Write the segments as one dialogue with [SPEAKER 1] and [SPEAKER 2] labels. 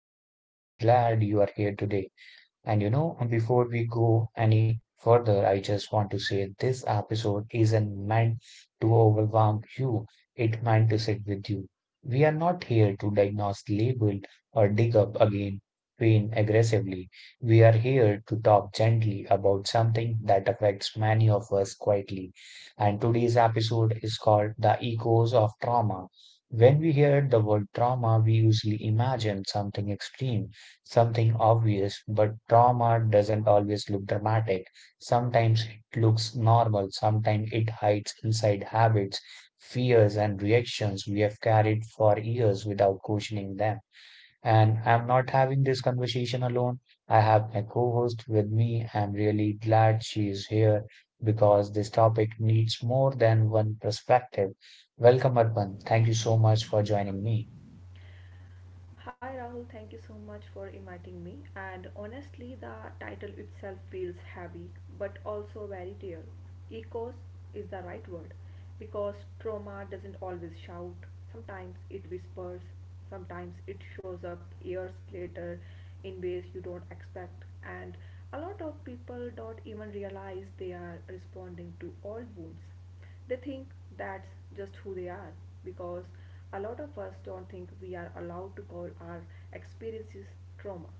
[SPEAKER 1] and I am really glad you are here today. And you know, before we go any further, I just want to say this episode isn't meant to overwhelm you. It meant to sit with you. We are not here to diagnose, label, or dig up again pain aggressively. We are here to talk gently about something that affects many of us quietly. And today's episode is called The Echoes of Trauma. When we hear the word trauma, we usually imagine something extreme something obvious, but trauma doesn't always look dramatic. Sometimes it looks normal, sometimes it hides inside habits, fears, and reactions we have carried for years without questioning them. And I'm not having this conversation alone. I have my co host with me. I'm really glad she is here because this topic needs more than one perspective. Welcome, Arpan. Thank you so much for joining me.
[SPEAKER 2] Hi Rahul, thank you so much for inviting me. And honestly, the title itself feels heavy but also very real. Echoes is the right word because trauma doesn't always shout, sometimes it whispers, sometimes it shows up years later in ways you don't expect. And a lot of people don't even realize they are responding to old wounds. They think that's just who they are because a lot of us don't think we are allowed to call our experiences trauma.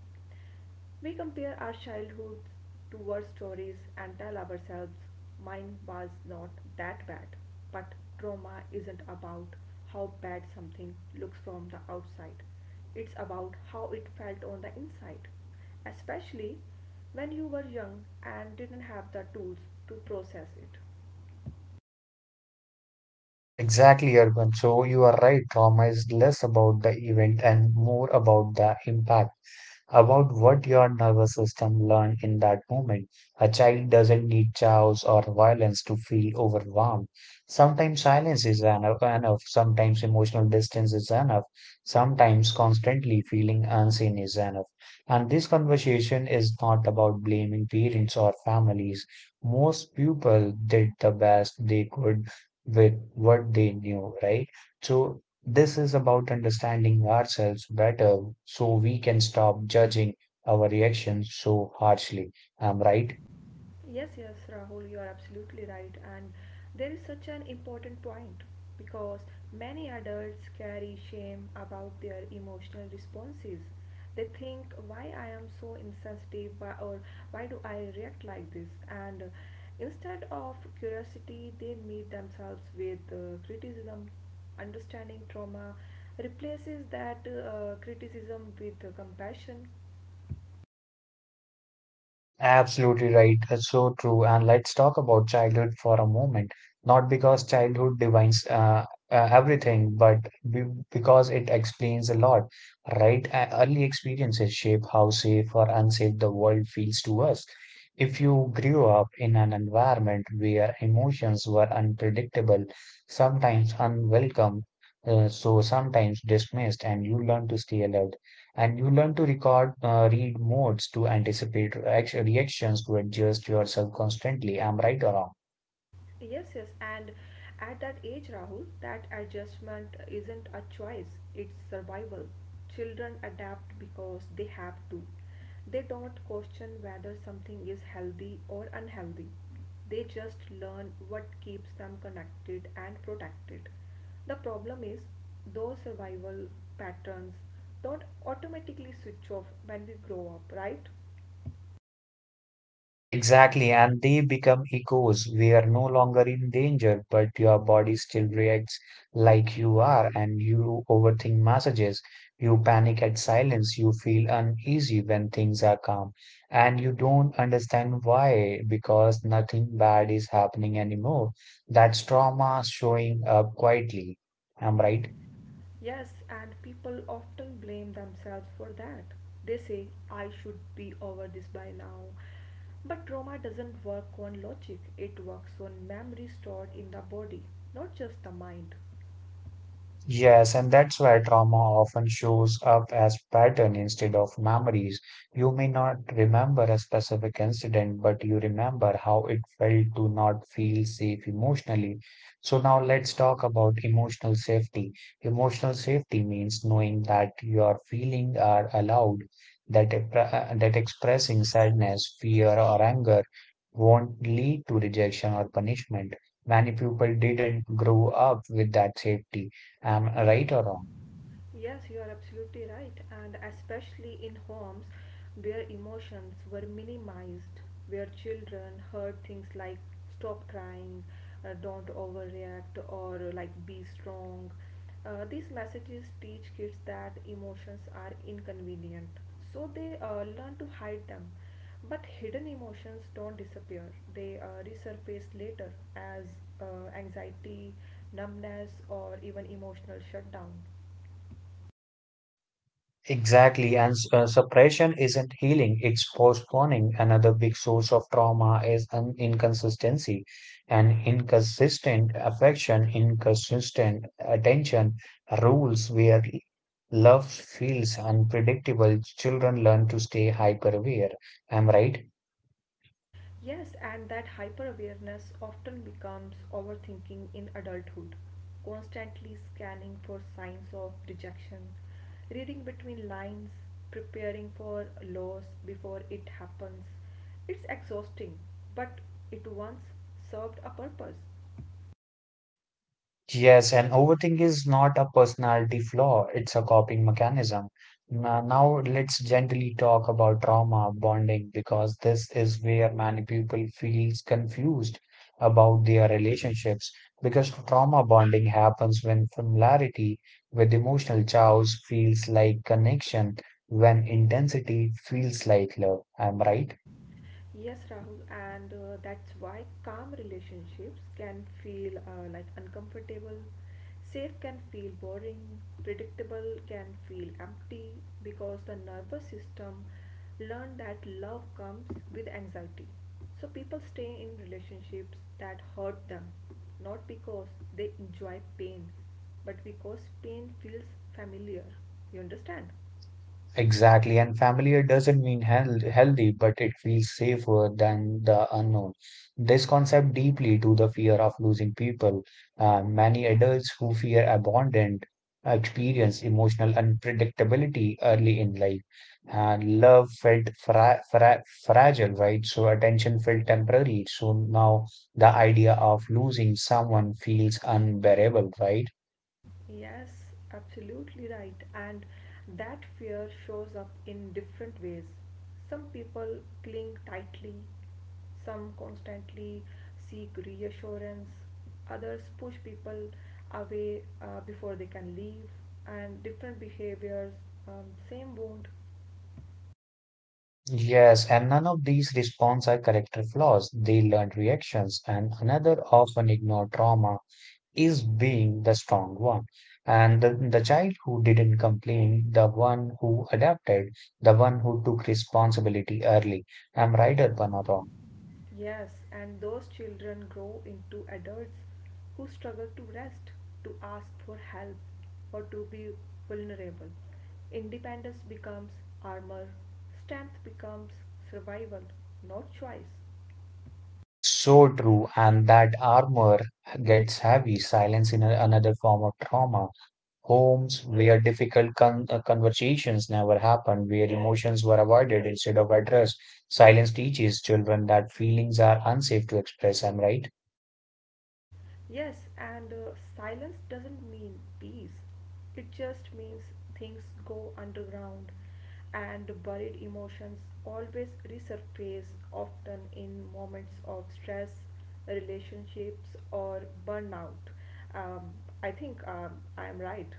[SPEAKER 2] We compare our childhoods to war stories and tell ourselves mine was not that bad. But trauma isn't about how bad something looks from the outside, it's about how it felt on the inside, especially when you were young and didn't have the tools to process it.
[SPEAKER 1] Exactly, Urban. So you are right. Trauma is less about the event and more about the impact about what your nervous system learned in that moment. A child doesn't need chaos or violence to feel overwhelmed. Sometimes silence is enough, sometimes emotional distance is enough, sometimes constantly feeling unseen is enough. And this conversation is not about blaming parents or families. Most people did the best they could with what they knew, right? So this is about understanding ourselves better so we can stop judging our reactions so harshly. I'm right.
[SPEAKER 2] Yes, yes, Rahul, you are absolutely right. And there is such an important point because many adults carry shame about their emotional responses. They think, why I am so insensitive why, or why do I react like this? And Instead of curiosity, they meet themselves with criticism. Understanding trauma replaces that criticism with compassion.
[SPEAKER 1] Absolutely right. It's so true. And let's talk about childhood for a moment. Not because childhood defines everything, but be because it explains a lot, right? Early experiences shape how safe or unsafe the world feels to us. If you grew up in an environment where emotions were unpredictable, sometimes unwelcome, so sometimes dismissed, and you learn to stay alert and you learn to record, read modes to anticipate reactions to adjust yourself constantly. I'm right or wrong?
[SPEAKER 2] Yes, yes, and at that age, Rahul, that adjustment isn't a choice, it's survival. Children adapt because they have to. They don't question whether something is healthy or unhealthy. They just learn what keeps them connected and protected. The problem is, those survival patterns don't automatically switch off when we grow up, right?
[SPEAKER 1] Exactly, and they become echoes. We are no longer in danger, but your body still reacts like you are, and you overthink messages. You panic at silence. You feel uneasy when things are calm, and you don't understand why, because nothing bad is happening anymore. That's trauma showing up quietly. Am I right?
[SPEAKER 2] Yes, and people often blame themselves for that. They say, I should be over this by now. But trauma doesn't work on logic, it works on memory stored in the body, not just the mind.
[SPEAKER 1] Yes, and that's why trauma often shows up as pattern instead of memories. You may not remember a specific incident, but you remember how it felt to not feel safe emotionally. So now let's talk about emotional safety. Emotional safety means knowing that your feelings are allowed, that expressing sadness, fear, or anger won't lead to rejection or punishment. Many people didn't grow up with that safety. Am I right or wrong?
[SPEAKER 2] Yes, you are absolutely right, and especially in homes where emotions were minimized, where children heard things like stop crying, don't overreact, or like be strong. These messages teach kids that emotions are inconvenient, so they learn to hide them. But hidden emotions don't disappear, they resurface later as anxiety, numbness, or even emotional shutdown.
[SPEAKER 1] Exactly. And suppression isn't healing, it's postponing. Another big source of trauma is an inconsistency and inconsistent affection, inconsistent attention, rules where love feels unpredictable. Children learn to stay hyper aware. Am I right?
[SPEAKER 2] Yes, and that hyper awareness often becomes overthinking in adulthood, constantly scanning for signs of rejection, reading between lines, preparing for loss before it happens. It's exhausting, but it once served a purpose.
[SPEAKER 1] Yes, and overthink is not a personality flaw, it's a coping mechanism. Now, let's gently talk about trauma bonding because this is where many people feels confused about their relationships because trauma bonding happens when familiarity with emotional chows feels like connection, when intensity feels like love. Am I right?
[SPEAKER 2] Yes, Rahul, and that's why calm relationships can feel like uncomfortable, safe can feel boring, predictable can feel empty because the nervous system learned that love comes with anxiety. So people stay in relationships that hurt them, not because they enjoy pain, but because pain feels familiar. You understand?
[SPEAKER 1] Exactly, and familiar doesn't mean healthy, but it feels safer than the unknown. This concept deeply to the fear of losing people. Many adults who fear abandonment experience emotional unpredictability early in life, and love felt fragile, right? So attention felt temporary. So now the idea of losing someone feels unbearable, right?
[SPEAKER 2] Yes, absolutely right. And that fear shows up in different ways. Some people cling tightly, some constantly seek reassurance, others push people away before they can leave, and different behaviors, same wound.
[SPEAKER 1] Yes, and none of these response are character flaws. They learned reactions, and another often ignored trauma is being the strong one. And the child who didn't complain, the one who adapted, the one who took responsibility early. Am right, Urbana wrong.
[SPEAKER 2] Yes, and those children grow into adults who struggle to rest, to ask for help, or to be vulnerable. Independence becomes armor, strength becomes survival, not choice.
[SPEAKER 1] So true, and that armor gets heavy, silence in another form of trauma. Homes where difficult conversations never happened, where emotions were avoided instead of addressed. Silence teaches children that feelings are unsafe to express. I'm right.
[SPEAKER 2] Yes, and silence doesn't mean peace. It just means things go underground and buried emotions always resurface, often in moments of stress, relationships, or burnout. Um, I think I am right.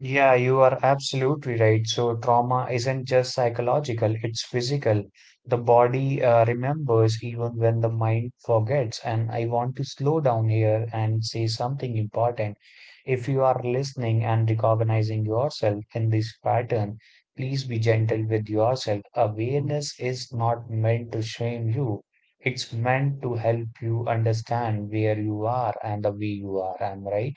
[SPEAKER 1] Yeah, you are absolutely right. So, trauma isn't just psychological, it's physical. The body remembers even when the mind forgets. And I want to slow down here and say something important. If you are listening and recognizing yourself in this pattern, please be gentle with yourself. Awareness is not meant to shame you, it's meant to help you understand where you are and the way you are. I'm right.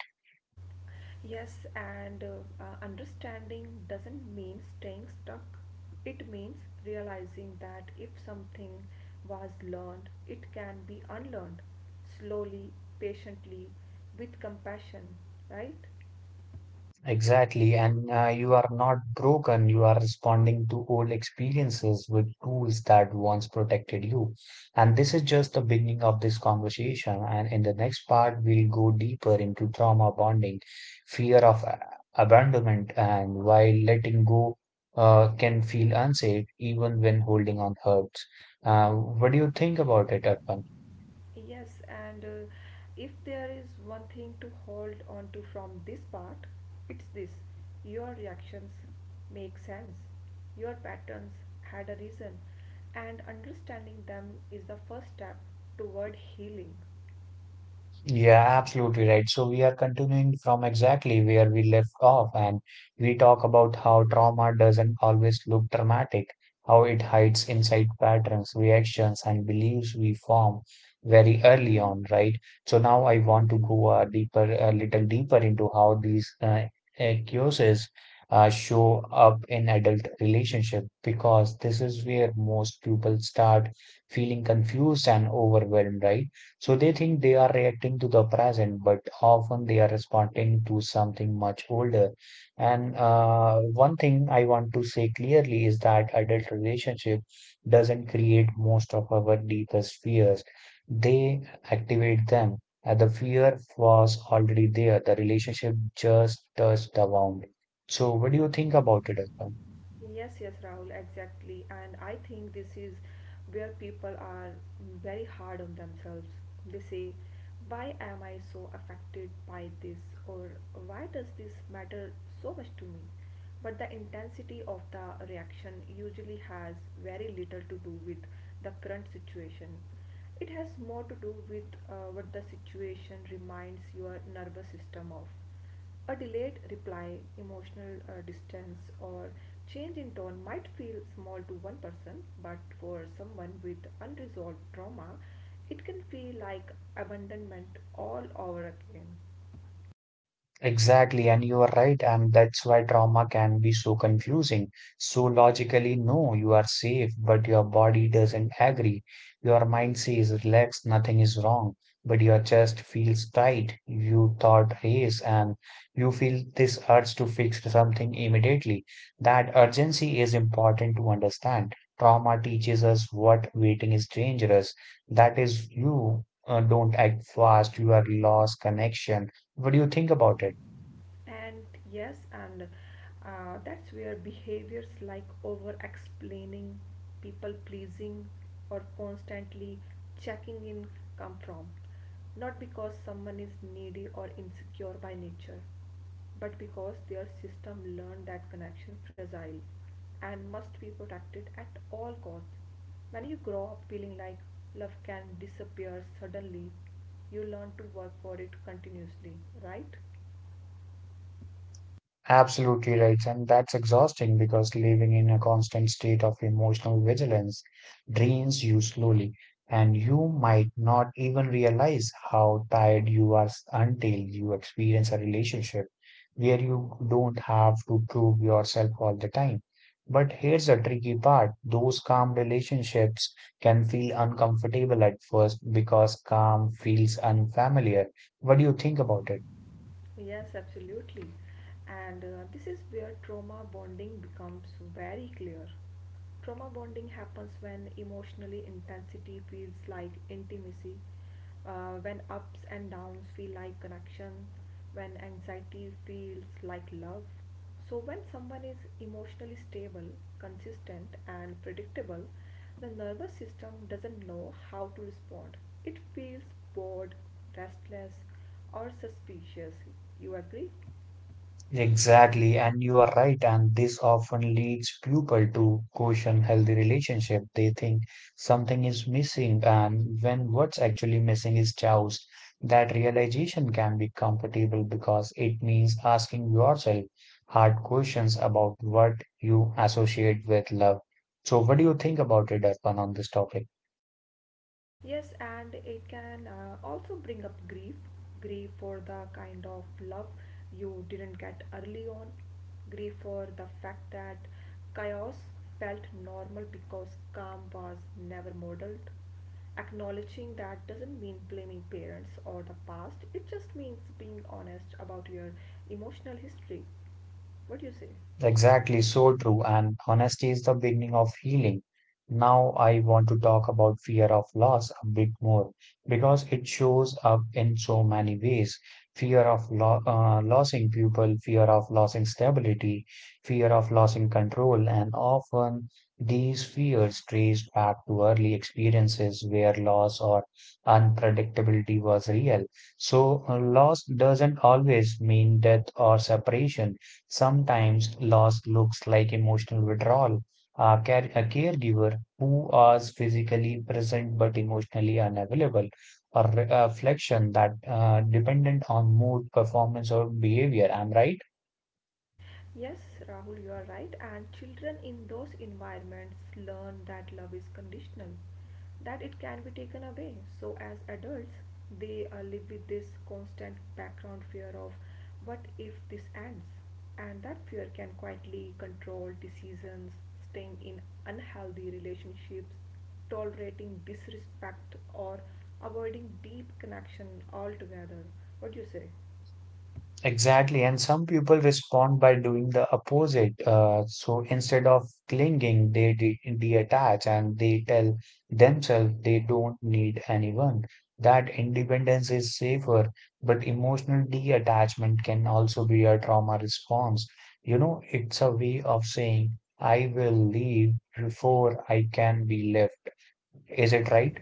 [SPEAKER 2] Yes, and understanding doesn't mean staying stuck. It means realizing that if something was learned, it can be unlearned slowly, patiently, with compassion, right?
[SPEAKER 1] Exactly, and you are not broken. You are responding to old experiences with tools that once protected you. And this is just the beginning of this conversation. And in the next part, we'll go deeper into trauma bonding, fear of a- abandonment, and why letting go can feel unsafe even when holding on hurts. What do you think about it, Arpan?
[SPEAKER 2] Yes, and if there is one thing to hold on to from this part, it's this. Your reactions make sense. Your patterns had a reason, and understanding them is the first step toward healing.
[SPEAKER 1] Yeah, absolutely right. So we are continuing from exactly where we left off, and we talk about how trauma doesn't always look dramatic, how it hides inside patterns, reactions, and beliefs we form very early on, right? So now I want to go a little deeper into how these accuses show up in adult relationship, because this is where most people start feeling confused and overwhelmed, right? So they think they are reacting to the present, but often they are responding to something much older. And one thing I want to say clearly is that adult relationship doesn't create most of our deepest fears. They activate them. The fear was already there. The relationship just touched the wound. So what do you think about it, Arpan?
[SPEAKER 2] Yes, yes, Rahul, exactly. And I think this is where people are very hard on themselves. They say, why am I so affected by this? Or why does this matter so much to me? But the intensity of the reaction usually has very little to do with the current situation. It has more to do with what the situation reminds your nervous system of. A delayed reply, emotional distance, or change in tone might feel small to one person, but for someone with unresolved trauma, it can feel like abandonment all over again.
[SPEAKER 1] Exactly, and you are right, and that's why trauma can be so confusing. So logically, no, you are safe, but your body doesn't agree. Your mind says relax, nothing is wrong, but your chest feels tight. You thought race, and you feel this urge to fix something immediately. That urgency is important to understand. Trauma teaches us what waiting is dangerous. That is, you don't act fast, you are lost connection. What do you think about it?
[SPEAKER 2] And yes, and that's where behaviors like over explaining, people pleasing, or constantly checking in come from. Not because someone is needy or insecure by nature, but because their system learned that connection fragile and must be protected at all costs. When you grow up feeling like love can disappear suddenly, you learn to work for it continuously, right?
[SPEAKER 1] Absolutely right. And that's exhausting because living in a constant state of emotional vigilance drains you slowly, and you might not even realize how tired you are until you experience a relationship where you don't have to prove yourself all the time. But here's the tricky part. Those calm relationships can feel uncomfortable at first because calm feels unfamiliar. What do you think about it?
[SPEAKER 2] Yes, absolutely. And this is where trauma bonding becomes very clear. Trauma bonding happens when emotionally intensity feels like intimacy, when ups and downs feel like connection, when anxiety feels like love, so, when someone is emotionally stable, consistent, and predictable, the nervous system doesn't know how to respond. It feels bored, restless, or suspicious. You agree?
[SPEAKER 1] Exactly, and you are right, and this often leads people to question healthy relationship. They think something is missing, and when what's actually missing is chows. That realization can be comfortable because it means asking yourself hard questions about what you associate with love. So, what do you think about it, Arpan, on this topic?
[SPEAKER 2] Yes, and it can also bring up grief grief for the kind of love you didn't get early on, grief for the fact that chaos felt normal because calm was never modeled. Acknowledging that doesn't mean blaming parents or the past, it just means being honest about your emotional history. What do you say?
[SPEAKER 1] Exactly, so true. And honesty is the beginning of healing. Now, I want to talk about fear of loss a bit more because it shows up in so many ways. Fear of lo losing people, fear of losing stability, fear of losing control, and often these fears trace back to early experiences where loss or unpredictability was real. So, loss doesn't always mean death or separation. Sometimes loss looks like emotional withdrawal, a caregiver who is physically present but emotionally unavailable, a reflection that dependent on mood, performance, or behavior. Am I right?
[SPEAKER 2] Yes, Rahul, you are right. And children in those environments learn that love is conditional, that it can be taken away. So, as adults, they live with this constant background fear of what if this ends? And that fear can quietly control decisions, staying in unhealthy relationships, tolerating disrespect, or avoiding deep connection altogether. What do you say?
[SPEAKER 1] Exactly, and some people respond by doing the opposite. So instead of clinging, they de detach and they tell themselves they don't need anyone. That independence is safer, but emotional detachment can also be a trauma response. You know, it's a way of saying, I will leave before I can be left. Is it right?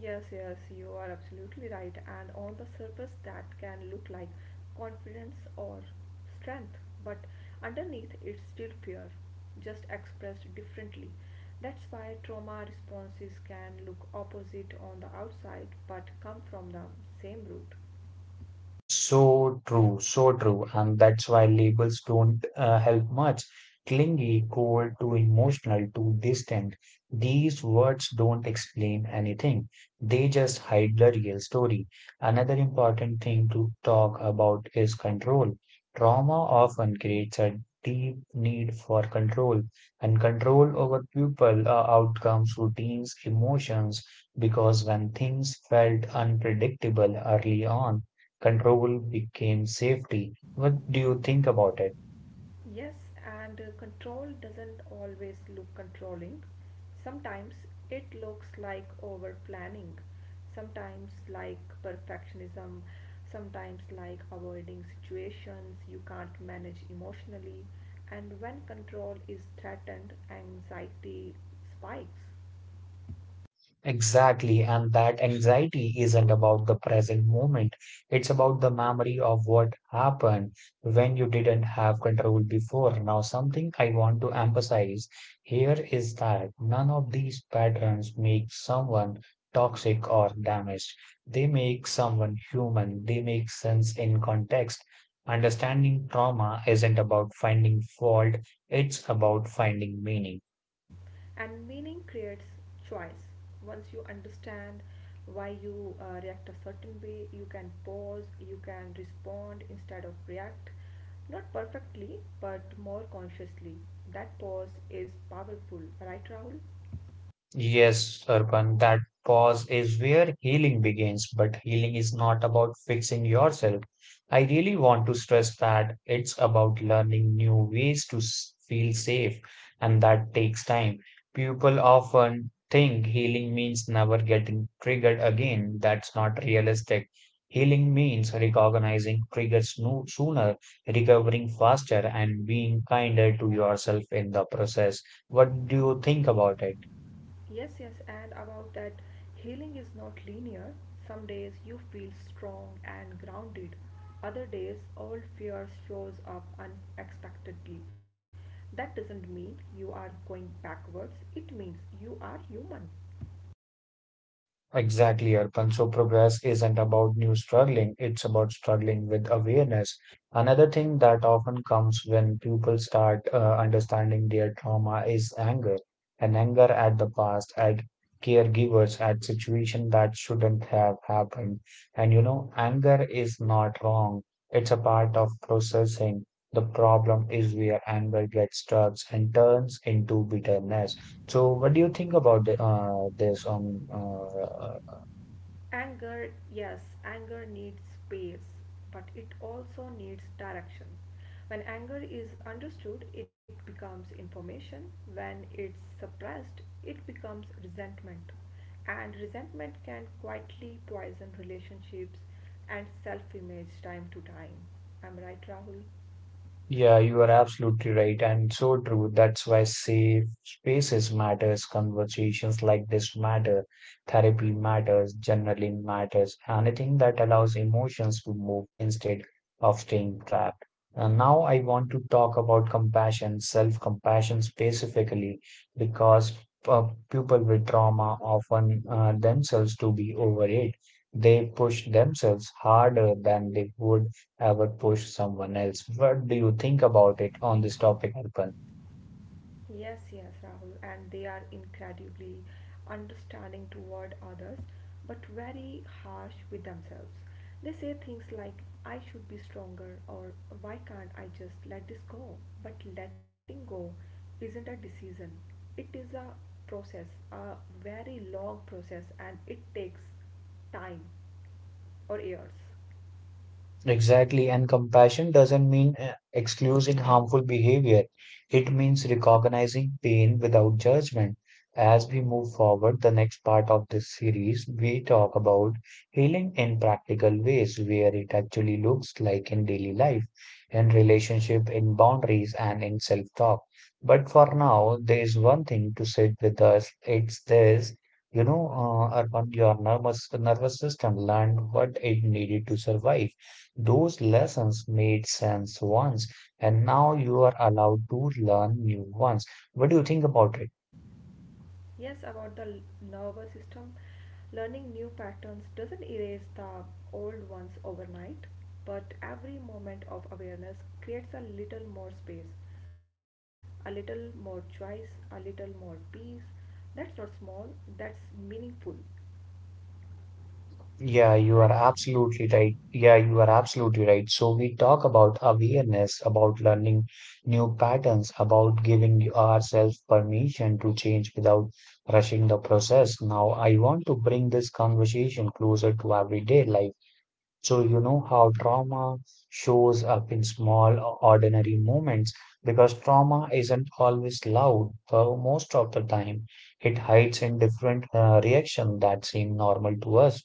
[SPEAKER 2] Yes, yes, you are absolutely right. And on the surface, that can look like confidence or strength, but underneath, it's still fear, just expressed differently. That's why trauma responses can look opposite on the outside but come from the same root.
[SPEAKER 1] So true, so true. And that's why labels don't help much. Clingy, cold, too emotional, too distant. These words don't explain anything. They just hide the real story. Another important thing to talk about is control. Trauma often creates a deep need for control and control over people, outcomes, routines, emotions, because when things felt unpredictable early on, control became safety. What do you think about it?
[SPEAKER 2] Yes, and control doesn't always look controlling. Sometimes it looks like over planning, sometimes like perfectionism, sometimes like avoiding situations you can't manage emotionally. And when control is threatened, anxiety spikes.
[SPEAKER 1] Exactly, and that anxiety isn't about the present moment. It's about the memory of what happened when you didn't have control before. Now, something I want to emphasize here is that none of these patterns make someone toxic or damaged. They make someone human, they make sense in context. Understanding trauma isn't about finding fault, it's about finding meaning.
[SPEAKER 2] And meaning creates choice. Once you understand why you react a certain way, you can pause, you can respond instead of react, not perfectly but more consciously. That pause is powerful, right, Rahul?
[SPEAKER 1] Yes, Sarpan, that pause is where healing begins, but healing is not about fixing yourself. I really want to stress that it's about learning new ways to feel safe, and that takes time. People often think healing means never getting triggered again. That's not realistic. Healing means recognizing triggers no sooner, recovering faster, and being kinder to yourself in the process. What do you think about it?
[SPEAKER 2] Yes, yes, and about that, healing is not linear. Some days you feel strong and grounded. Other days, old fears shows up unexpectedly. That doesn't mean you are going backwards. It means you are human.
[SPEAKER 1] Exactly, Arpan. So progress isn't about new struggling, it's about struggling with awareness. Another thing that often comes when people start understanding their trauma is anger, and anger at the past, at caregivers, at situation that shouldn't have happened. And you know, anger is not wrong. It's a part of processing. The problem is where anger gets stuck and turns into bitterness. So, what do you think about the, this on
[SPEAKER 2] Anger, yes, anger needs space, but it also needs direction. When anger is understood, it becomes information. When it's suppressed, it becomes resentment. And resentment can quietly poison relationships and self image time to time. I'm right, Rahul.
[SPEAKER 1] Yeah, you are absolutely right, and so true. That's why safe spaces matters, conversations like this matter, therapy matters, journaling matters, anything that allows emotions to move instead of staying trapped. And now I want to talk about compassion, self-compassion specifically, because people with trauma often themselves to be over it. They push themselves harder than they would ever push someone else. What do you think about it on this topic, Arpan?
[SPEAKER 2] Yes, yes, Rahul, and they are incredibly understanding toward others, but very harsh with themselves. They say things like, I should be stronger, or why can't I just let this go? But letting go isn't a decision, it is a process, a very long process, and it takes time or years.
[SPEAKER 1] Exactly, and compassion doesn't mean excusing harmful behavior. It means recognizing pain without judgment. As we move forward, the next part of this series, we talk about healing in practical ways where it actually looks like in daily life, in relationship, in boundaries, and in self talk. But for now, there is one thing to sit with us it's this. You know, Arpan, your nervous system learned what it needed to survive those lessons made sense once, and now you are allowed to learn new ones. What do you think about it?
[SPEAKER 2] Yes, about the nervous system, learning new patterns doesn't erase the old ones overnight, but every moment of awareness creates a little more space, a little more choice, a little more peace. That's not small, that's meaningful,
[SPEAKER 1] Yeah, you
[SPEAKER 2] right?
[SPEAKER 1] are absolutely right. Yeah, you are absolutely right. So we talk about awareness, about learning new patterns, about giving ourselves permission to change without rushing the process. Now, I want to bring this conversation closer to everyday life. So you know how trauma shows up in small, ordinary moments because trauma isn't always loud. Most of the time, it hides in different reaction that seem normal to us.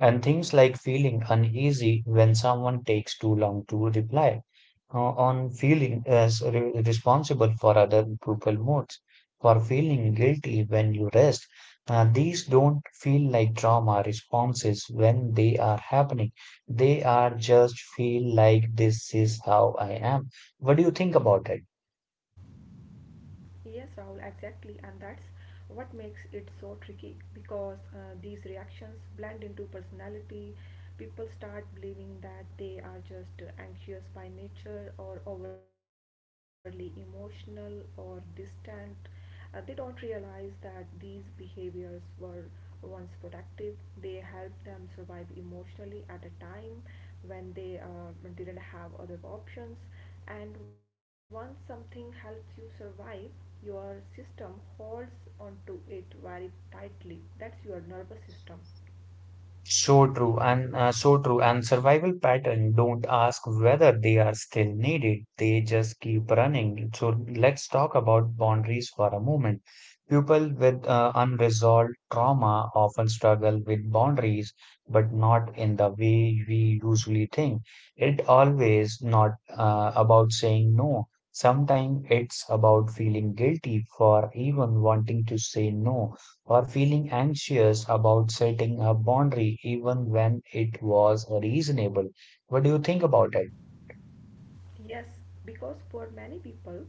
[SPEAKER 1] And things like feeling uneasy when someone takes too long to reply, uh, on feeling as responsible for other people moods, for feeling guilty when you rest. These don't feel like trauma responses when they are happening. They are just feel like this is how I am. What do you think about it?
[SPEAKER 2] Yes, Rahul, exactly, and that's what makes it so tricky because these reactions blend into personality. People start believing that they are just anxious by nature or overly emotional or distant. They don't realize that these behaviors were once protective. They helped them survive emotionally at a time when they didn't have other options, and once something helps you survive, your system holds onto it very tightly. That's your nervous system.
[SPEAKER 1] So true, and so true, and survival pattern don't ask whether they are still needed, they just keep running. So let's talk about boundaries for a moment. People with unresolved trauma often struggle with boundaries, but not in the way we usually think. It always not about saying no, sometimes it's about feeling guilty for even wanting to say no, or feeling anxious about setting a boundary even when it was reasonable. What do you think about it?
[SPEAKER 2] Yes, because for many people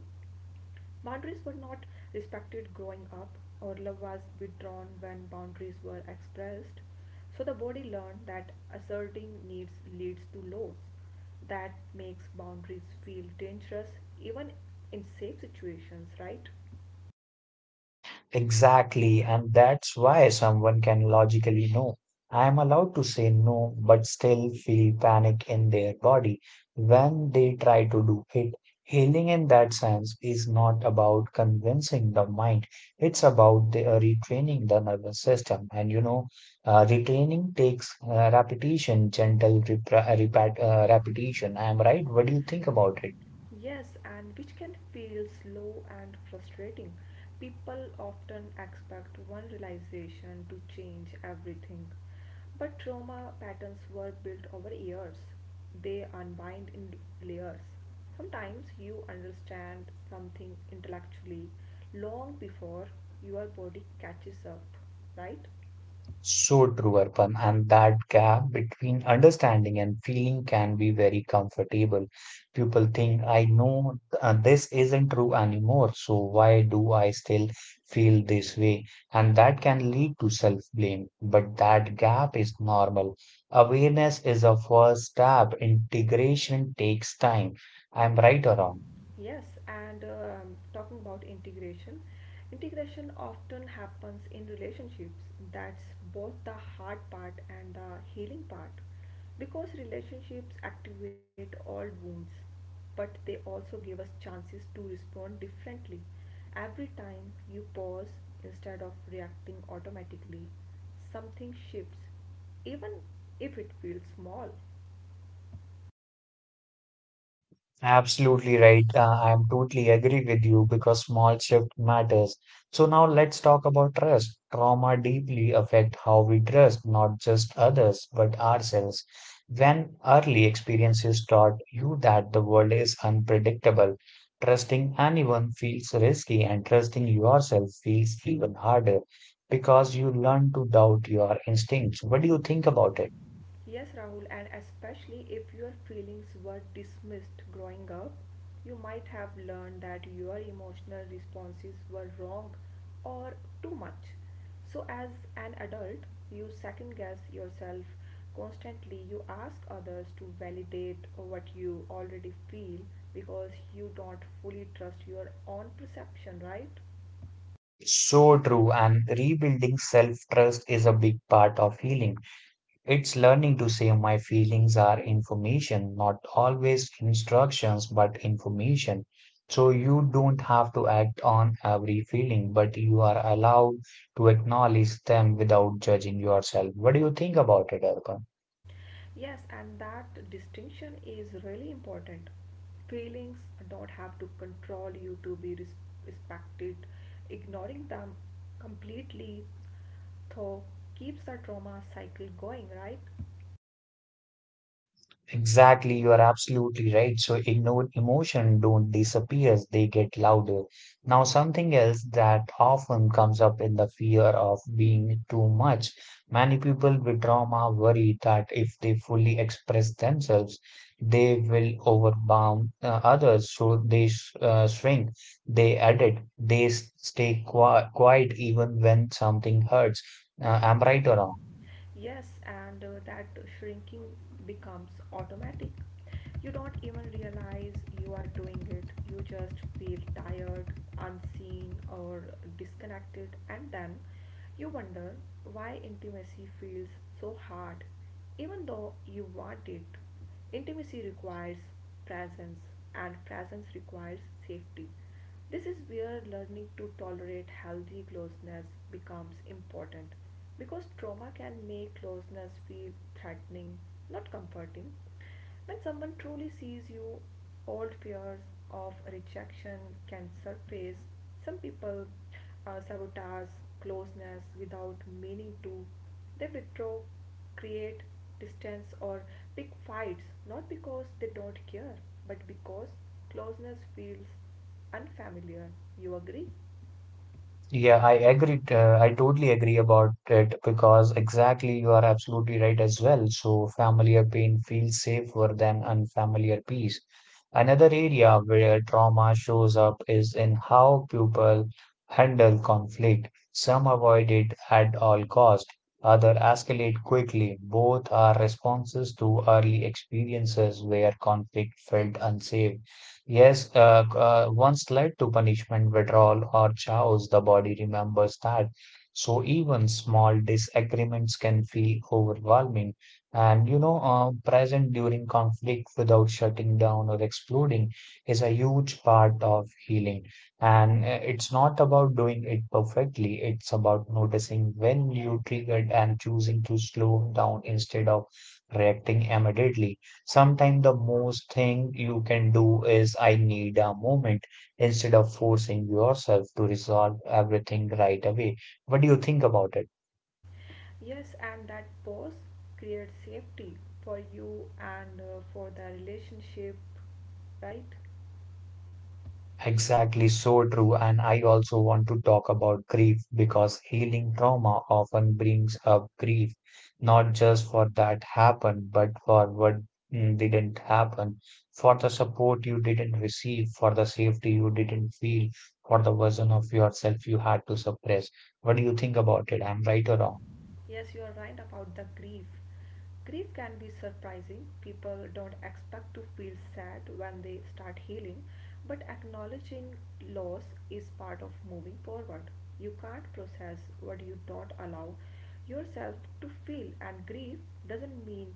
[SPEAKER 2] boundaries were not respected growing up, or love was withdrawn when boundaries were expressed, so the body learned that asserting needs leads to loss. That makes boundaries feel dangerous even in safe situations, right?
[SPEAKER 1] Exactly, and that's why someone can logically know. I am allowed to say no, but still feel panic in their body when they try to do it. Healing in that sense is not about convincing the mind, it's about retraining the nervous system. And you know, retraining takes repetition, gentle repetition. I am right. What do you think about it?
[SPEAKER 2] Yes, and which can feel slow and frustrating. People often expect one realization to change everything. But trauma patterns were built over years. They unbind in layers. Sometimes you understand something intellectually long before your body catches up, right?
[SPEAKER 1] So true, Arpan, and that gap between understanding and feeling can be very comfortable. People think, I know this isn't true anymore, so why do I still feel this way? And that can lead to self-blame, but that gap is normal. Awareness is a first step. Integration takes time. I'm right or wrong?
[SPEAKER 2] Yes, and talking about integration, integration often happens in relationships. That's both the hard part and the healing part because relationships activate all wounds, but they also give us chances to respond differently. Every time you pause instead of reacting automatically, something shifts, even if it feels small.
[SPEAKER 1] Absolutely right. I'm totally agree with you because small shift matters. So now let's talk about trust. Trauma deeply affect how we trust not just others but ourselves. When early experiences taught you that the world is unpredictable, trusting anyone feels risky and trusting yourself feels even harder because you learn to doubt your instincts. What do you think about it?
[SPEAKER 2] Yes, Rahul, and especially if your feelings were dismissed growing up, you might have learned that your emotional responses were wrong or too much. So, as an adult, you second guess yourself constantly. You ask others to validate what you already feel because you don't fully trust your own perception, right?
[SPEAKER 1] So true, and rebuilding self-trust is a big part of healing. It's learning to say my feelings are information, not always instructions, but information. So you don't have to act on every feeling, but you are allowed to acknowledge them without judging yourself. What do you think about it, Arpan?
[SPEAKER 2] Yes, and that distinction is really important. Feelings don't have to control you to be respected. Ignoring them completely, though, keeps the trauma cycle going, right?
[SPEAKER 1] Exactly, you are absolutely right. So ignored emotion don't disappear, they get louder. Now, something else that often comes up in the fear of being too much. Many people with trauma worry that if they fully express themselves, they will overwhelm others, so they sh shrink, they edit, they stay quiet even when something hurts. I'm right or wrong?
[SPEAKER 2] Yes, and that shrinking becomes automatic. You don't even realize you are doing it. You just feel tired, unseen, or disconnected, and then you wonder why intimacy feels so hard, even though you want it. Intimacy requires presence, and presence requires safety. This is where learning to tolerate healthy closeness becomes important because trauma can make closeness feel threatening, not comforting. When someone truly sees you, old fears of rejection can surface. Some people sabotage closeness without meaning to. They withdraw, create distance, or pick fights not because they don't care, but because closeness feels unfamiliar. You agree?
[SPEAKER 1] Yeah, I agree. I totally agree about it because exactly you are absolutely right as well. So, familiar pain feels safer than unfamiliar peace. Another area where trauma shows up is in how people handle conflict. Some avoid it at all cost, other escalate quickly. Both are responses to early experiences where conflict felt unsafe. Yes, once led to punishment, withdrawal, or chaos, the body remembers that. So even small disagreements can feel overwhelming, and, you know, present during conflict without shutting down or exploding is a huge part of healing. And it's not about doing it perfectly. It's about noticing when you triggered and choosing to slow down instead of reacting immediately. Sometimes the most thing you can do is I need a moment instead of forcing yourself to resolve everything right away. What do you think about it?
[SPEAKER 2] Yes, and that pause creates safety for you and for the relationship, right?
[SPEAKER 1] Exactly, so true. And I also want to talk about grief because healing trauma often brings up grief, not just for that happened, but for what didn't happen, for the support you didn't receive, for the safety you didn't feel, for the version of yourself you had to suppress. What do you think about it? I'm right or wrong?
[SPEAKER 2] Yes, you are right about the grief. Grief can be surprising. People don't expect to feel sad when they start healing, but acknowledging loss is part of moving forward. You can't process what you don't allow yourself to feel, and grief doesn't mean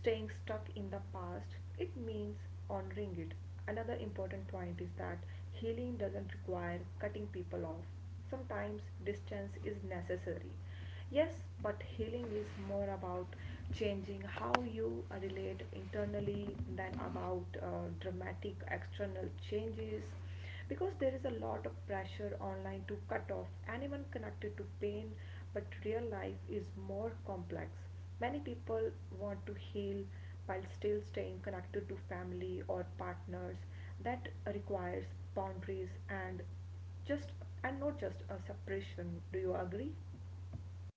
[SPEAKER 2] staying stuck in the past, it means honoring it. Another important point is that healing doesn't require cutting people off. Sometimes distance is necessary. Yes, but healing is more about changing how you relate internally than about dramatic external changes, because there is a lot of pressure online to cut off anyone connected to pain, but real life is more complex. Many people want to heal while still staying connected to family or partners. That requires boundaries, and just, and not just a separation. Do you agree?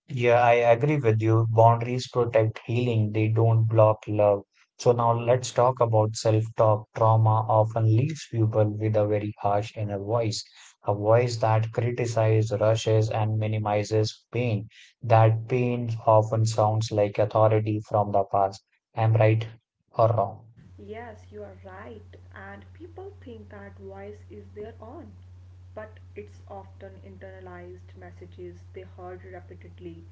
[SPEAKER 1] Yeah, I agree with you. Boundaries protect healing, they don't block love. So now let's talk about self-talk. Trauma often leaves people with a very harsh inner voice, a voice that criticizes, rushes, and minimizes pain. That pain often sounds like authority from the past. Am I right or wrong?
[SPEAKER 2] Yes, you are right, and people think that voice is their own, but it's often internalized messages they heard repeatedly.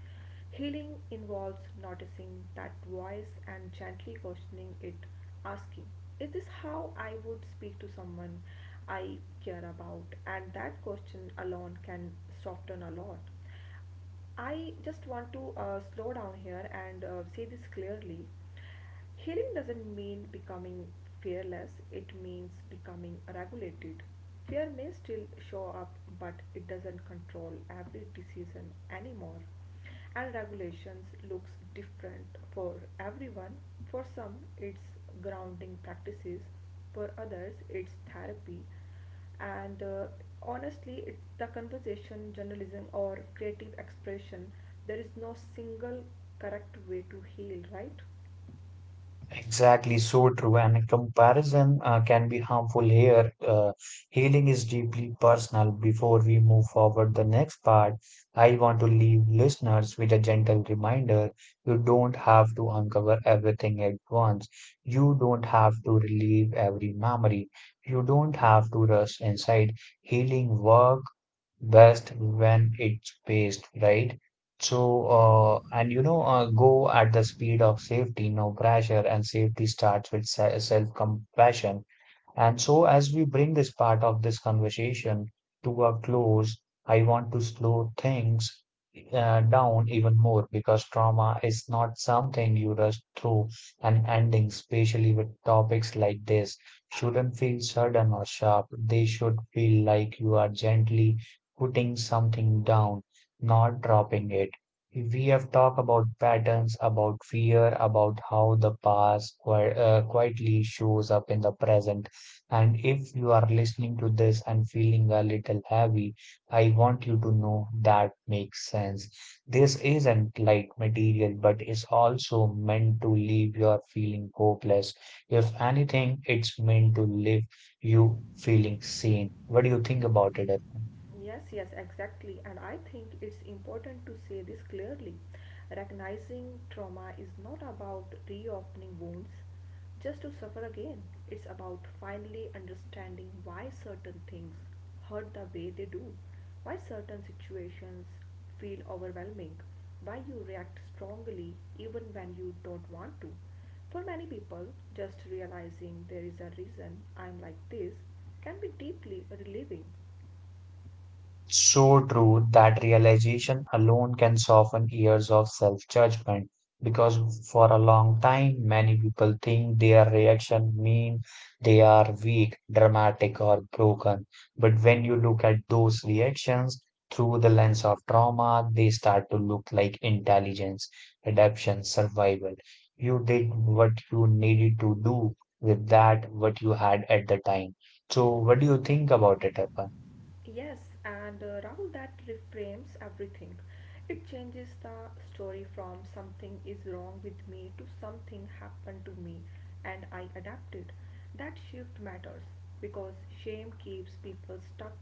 [SPEAKER 2] Healing involves noticing that voice and gently questioning it, asking, is this how I would speak to someone I care about? And that question alone can soften a lot. I just want to slow down here and say this clearly. Healing doesn't mean becoming fearless, it means becoming regulated. Fear may still show up, but it doesn't control every decision anymore. And regulations looks different for everyone. For some, it's grounding practices, for others, it's therapy and honestly it's the conversation, journalism, or creative expression. There is no single correct way to heal, right?
[SPEAKER 1] Exactly, so true. And comparison can be harmful here. Healing is deeply personal. Before we move forward, the next part, I want to leave listeners with a gentle reminder: you don't have to uncover everything at once. You don't have to relive every memory. You don't have to rush inside. Healing work best when it's paced right. So and you know go at the speed of safety, no pressure, and safety starts with self compassion. And so, as we bring this part of this conversation to a close, I want to slow things down even more because trauma is not something you rush through, and ending, especially with topics like this, shouldn't feel sudden or sharp. They should feel like you are gently putting something down, not dropping it. We have talked about patterns, about fear, about how the past quietly shows up in the present, and if you are listening to this and feeling a little heavy, I want you to know that makes sense. This isn't light material, but is also meant to leave you feeling hopeless. If anything, it's meant to leave you feeling sane. What do you think about it, Arpan?
[SPEAKER 2] Yes, yes, exactly. And I think it's important to say this clearly. Recognizing trauma is not about reopening wounds just to suffer again. It's about finally understanding why certain things hurt the way they do, why certain situations feel overwhelming, why you react strongly even when you don't want to. For many people, just realizing there is a reason I'm like this can be deeply relieving.
[SPEAKER 1] It's so true that realization alone can soften years of self-judgment because for a long time many people think their reaction mean they are weak, dramatic or broken. But when you look at those reactions through the lens of trauma, they start to look like intelligence, adaptation, survival. You did what you needed to do with that what you had at the time. So what do you think about it, Arpan?
[SPEAKER 2] Yes, and Rahul, that reframes everything. It changes the story from something is wrong with me to something happened to me and I adapted. That shift matters because shame keeps people stuck,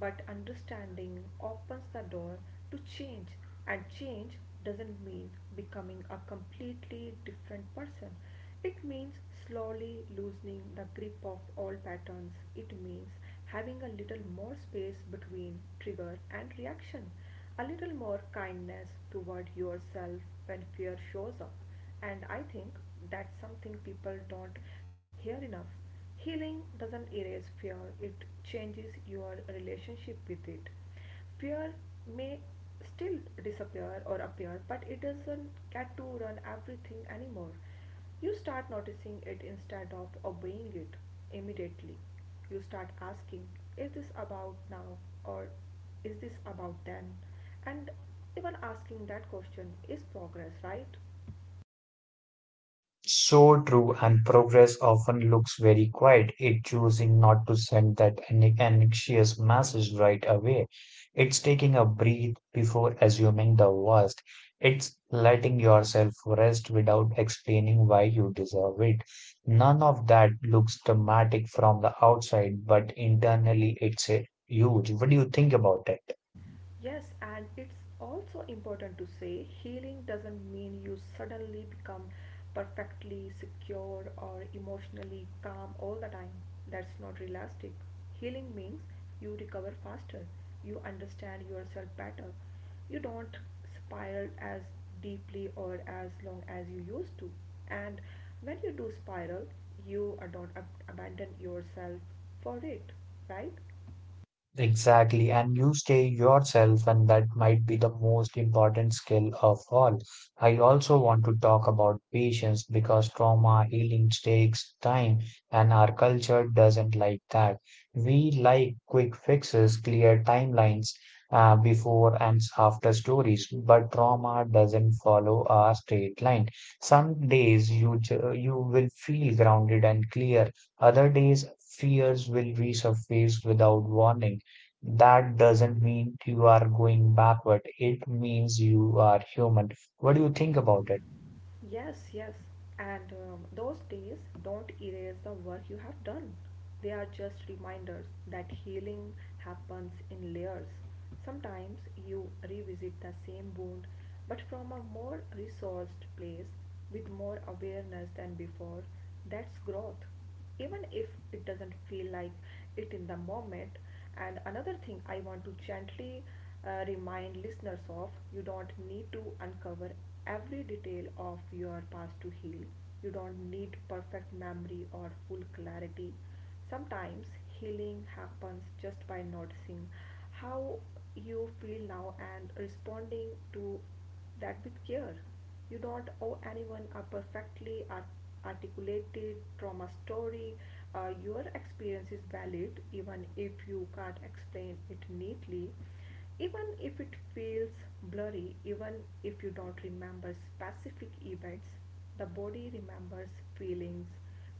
[SPEAKER 2] but understanding opens the door to change. And change doesn't mean becoming a completely different person. It means slowly loosening the grip of all patterns. It means having a little more space between trigger and reaction, a little more kindness toward yourself when fear shows up. And I think that's something people don't hear enough. Healing doesn't erase fear, it changes your relationship with it. Fear may still disappear or appear, but it doesn't get to run everything anymore. You start noticing it instead of obeying it immediately. You start asking, is this about now or is this about then? And even asking that question is progress, right?
[SPEAKER 1] So true, and progress often looks very quiet. It choosing not to send that anxious message right away. It's taking a breath before assuming the worst. It's letting yourself rest without explaining why you deserve it. None of that looks dramatic from the outside, but internally it's a huge. What do you think about it?
[SPEAKER 2] Yes, and it's also important to say healing doesn't mean you suddenly become perfectly secure or emotionally calm all the time. That's not realistic. Healing means you recover faster, you understand yourself better, you don't spiral as deeply or as long as you used to. And when you do spiral, you don't abandon yourself for it, right?
[SPEAKER 1] Exactly, and you stay yourself, and that might be the most important skill of all. I also want to talk about patience because trauma healing takes time, and our culture doesn't like that. We like quick fixes, clear timelines, before and after stories, but trauma doesn't follow a straight line. Some days you will feel grounded and clear. Other days, fears will resurface without warning, that doesn't mean you are going backward. It means you are human. What do you think about it?
[SPEAKER 2] Yes, yes. And those days don't erase the work you have done. They are just reminders that healing happens in layers. Sometimes you revisit the same wound, but from a more resourced place with more awareness than before. That's growth even if it doesn't feel like it in the moment. And another thing I want to gently remind listeners of, you don't need to uncover every detail of your past to heal. You don't need perfect memory or full clarity. Sometimes healing happens just by noticing how you feel now and responding to that with care. You don't owe anyone a articulated trauma story. Your experience is valid even if you can't explain it neatly, even if it feels blurry, even if you don't remember specific events. The body remembers feelings,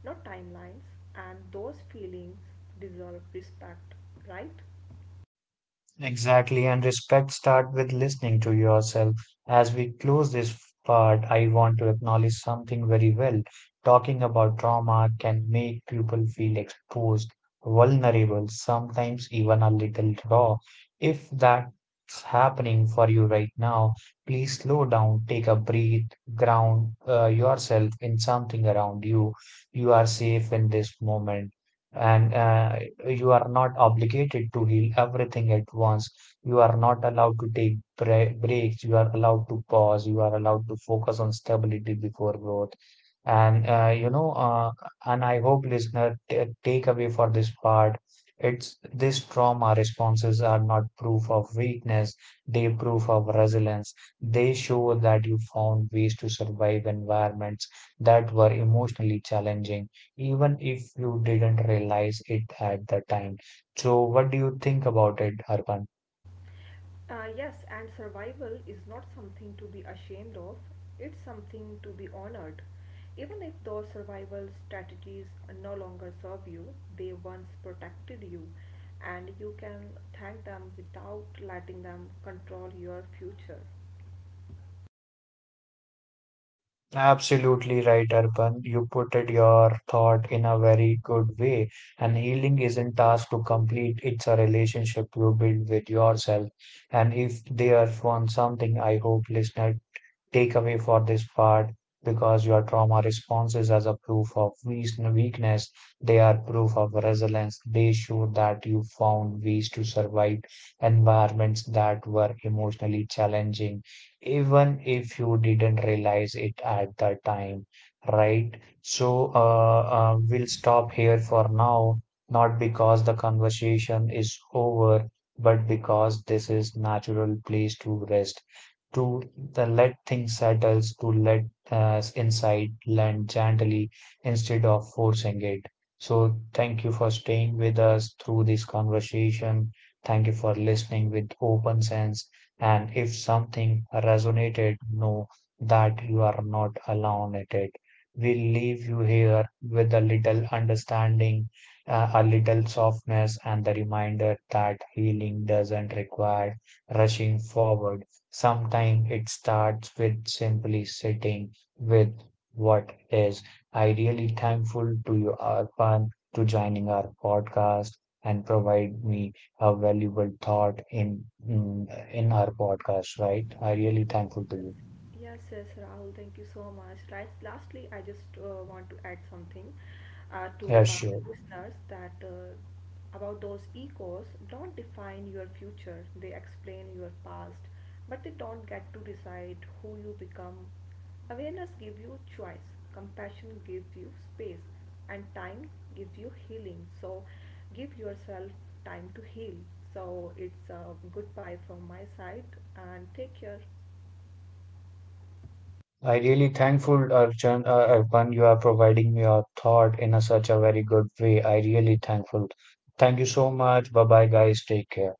[SPEAKER 2] not timelines, and those feelings deserve respect, right?
[SPEAKER 1] Exactly, and respect start with listening to yourself. As we close this part, I want to acknowledge something very well. Talking about trauma can make people feel exposed, vulnerable, sometimes even a little raw. If that's happening for you right now, please slow down, take a breath, ground yourself in something around you. You are safe in this moment. And you are not obligated to heal everything at once. You are not allowed to take breaks. You are allowed to pause. You are allowed to focus on stability before growth. And you know, and I hope listener take away for this part, it's this trauma responses are not proof of weakness, they proof of resilience. They show that you found ways to survive environments that were emotionally challenging, even if you didn't realize it at the time. So, what do you think about it, Arpan?
[SPEAKER 2] Yes, and survival is not something to be ashamed of, it's something to be honored. Even if those survival strategies no longer serve you, they once protected you, and you can thank them without letting them control your future.
[SPEAKER 1] Absolutely right, Arpan. You put it your thought in a very good way. And healing isn't task to complete, it's a relationship you build with yourself. And if there's one something I hope listener takeaway for this part because your trauma responses as a proof of weakness, they are proof of resilience. They show that you found ways to survive environments that were emotionally challenging, even if you didn't realize it at the time, right? So, we'll stop here for now, not because the conversation is over, but because this is natural place to rest to the let things settle, to let us insight land gently instead of forcing it. So thank you for staying with us through this conversation. Thank you for listening with open sense. And if something resonated, know that you are not alone at it. We leave you here with a little understanding, a little softness, and the reminder that healing doesn't require rushing forward. Sometimes it starts with simply sitting with what is ideally thankful to you Arpan to joining our podcast and provide me a valuable thought in our podcast, right? I really thankful to you.
[SPEAKER 2] Yes, yes, Rahul, thank you so much. Right, lastly, I just want to add something
[SPEAKER 1] Yeah,
[SPEAKER 2] to our
[SPEAKER 1] sure.
[SPEAKER 2] listeners, that about those echoes, don't define your future, they explain your past, but they don't get to decide who you become. Awareness gives you choice, compassion gives you space, and time gives you healing. So, give yourself time to heal. So, it's a goodbye from my side, and take care.
[SPEAKER 1] I really thankful Arpan, you are providing me your thought in a, such a very good way. I really thankful. Thank you so much. Bye bye guys. Take care.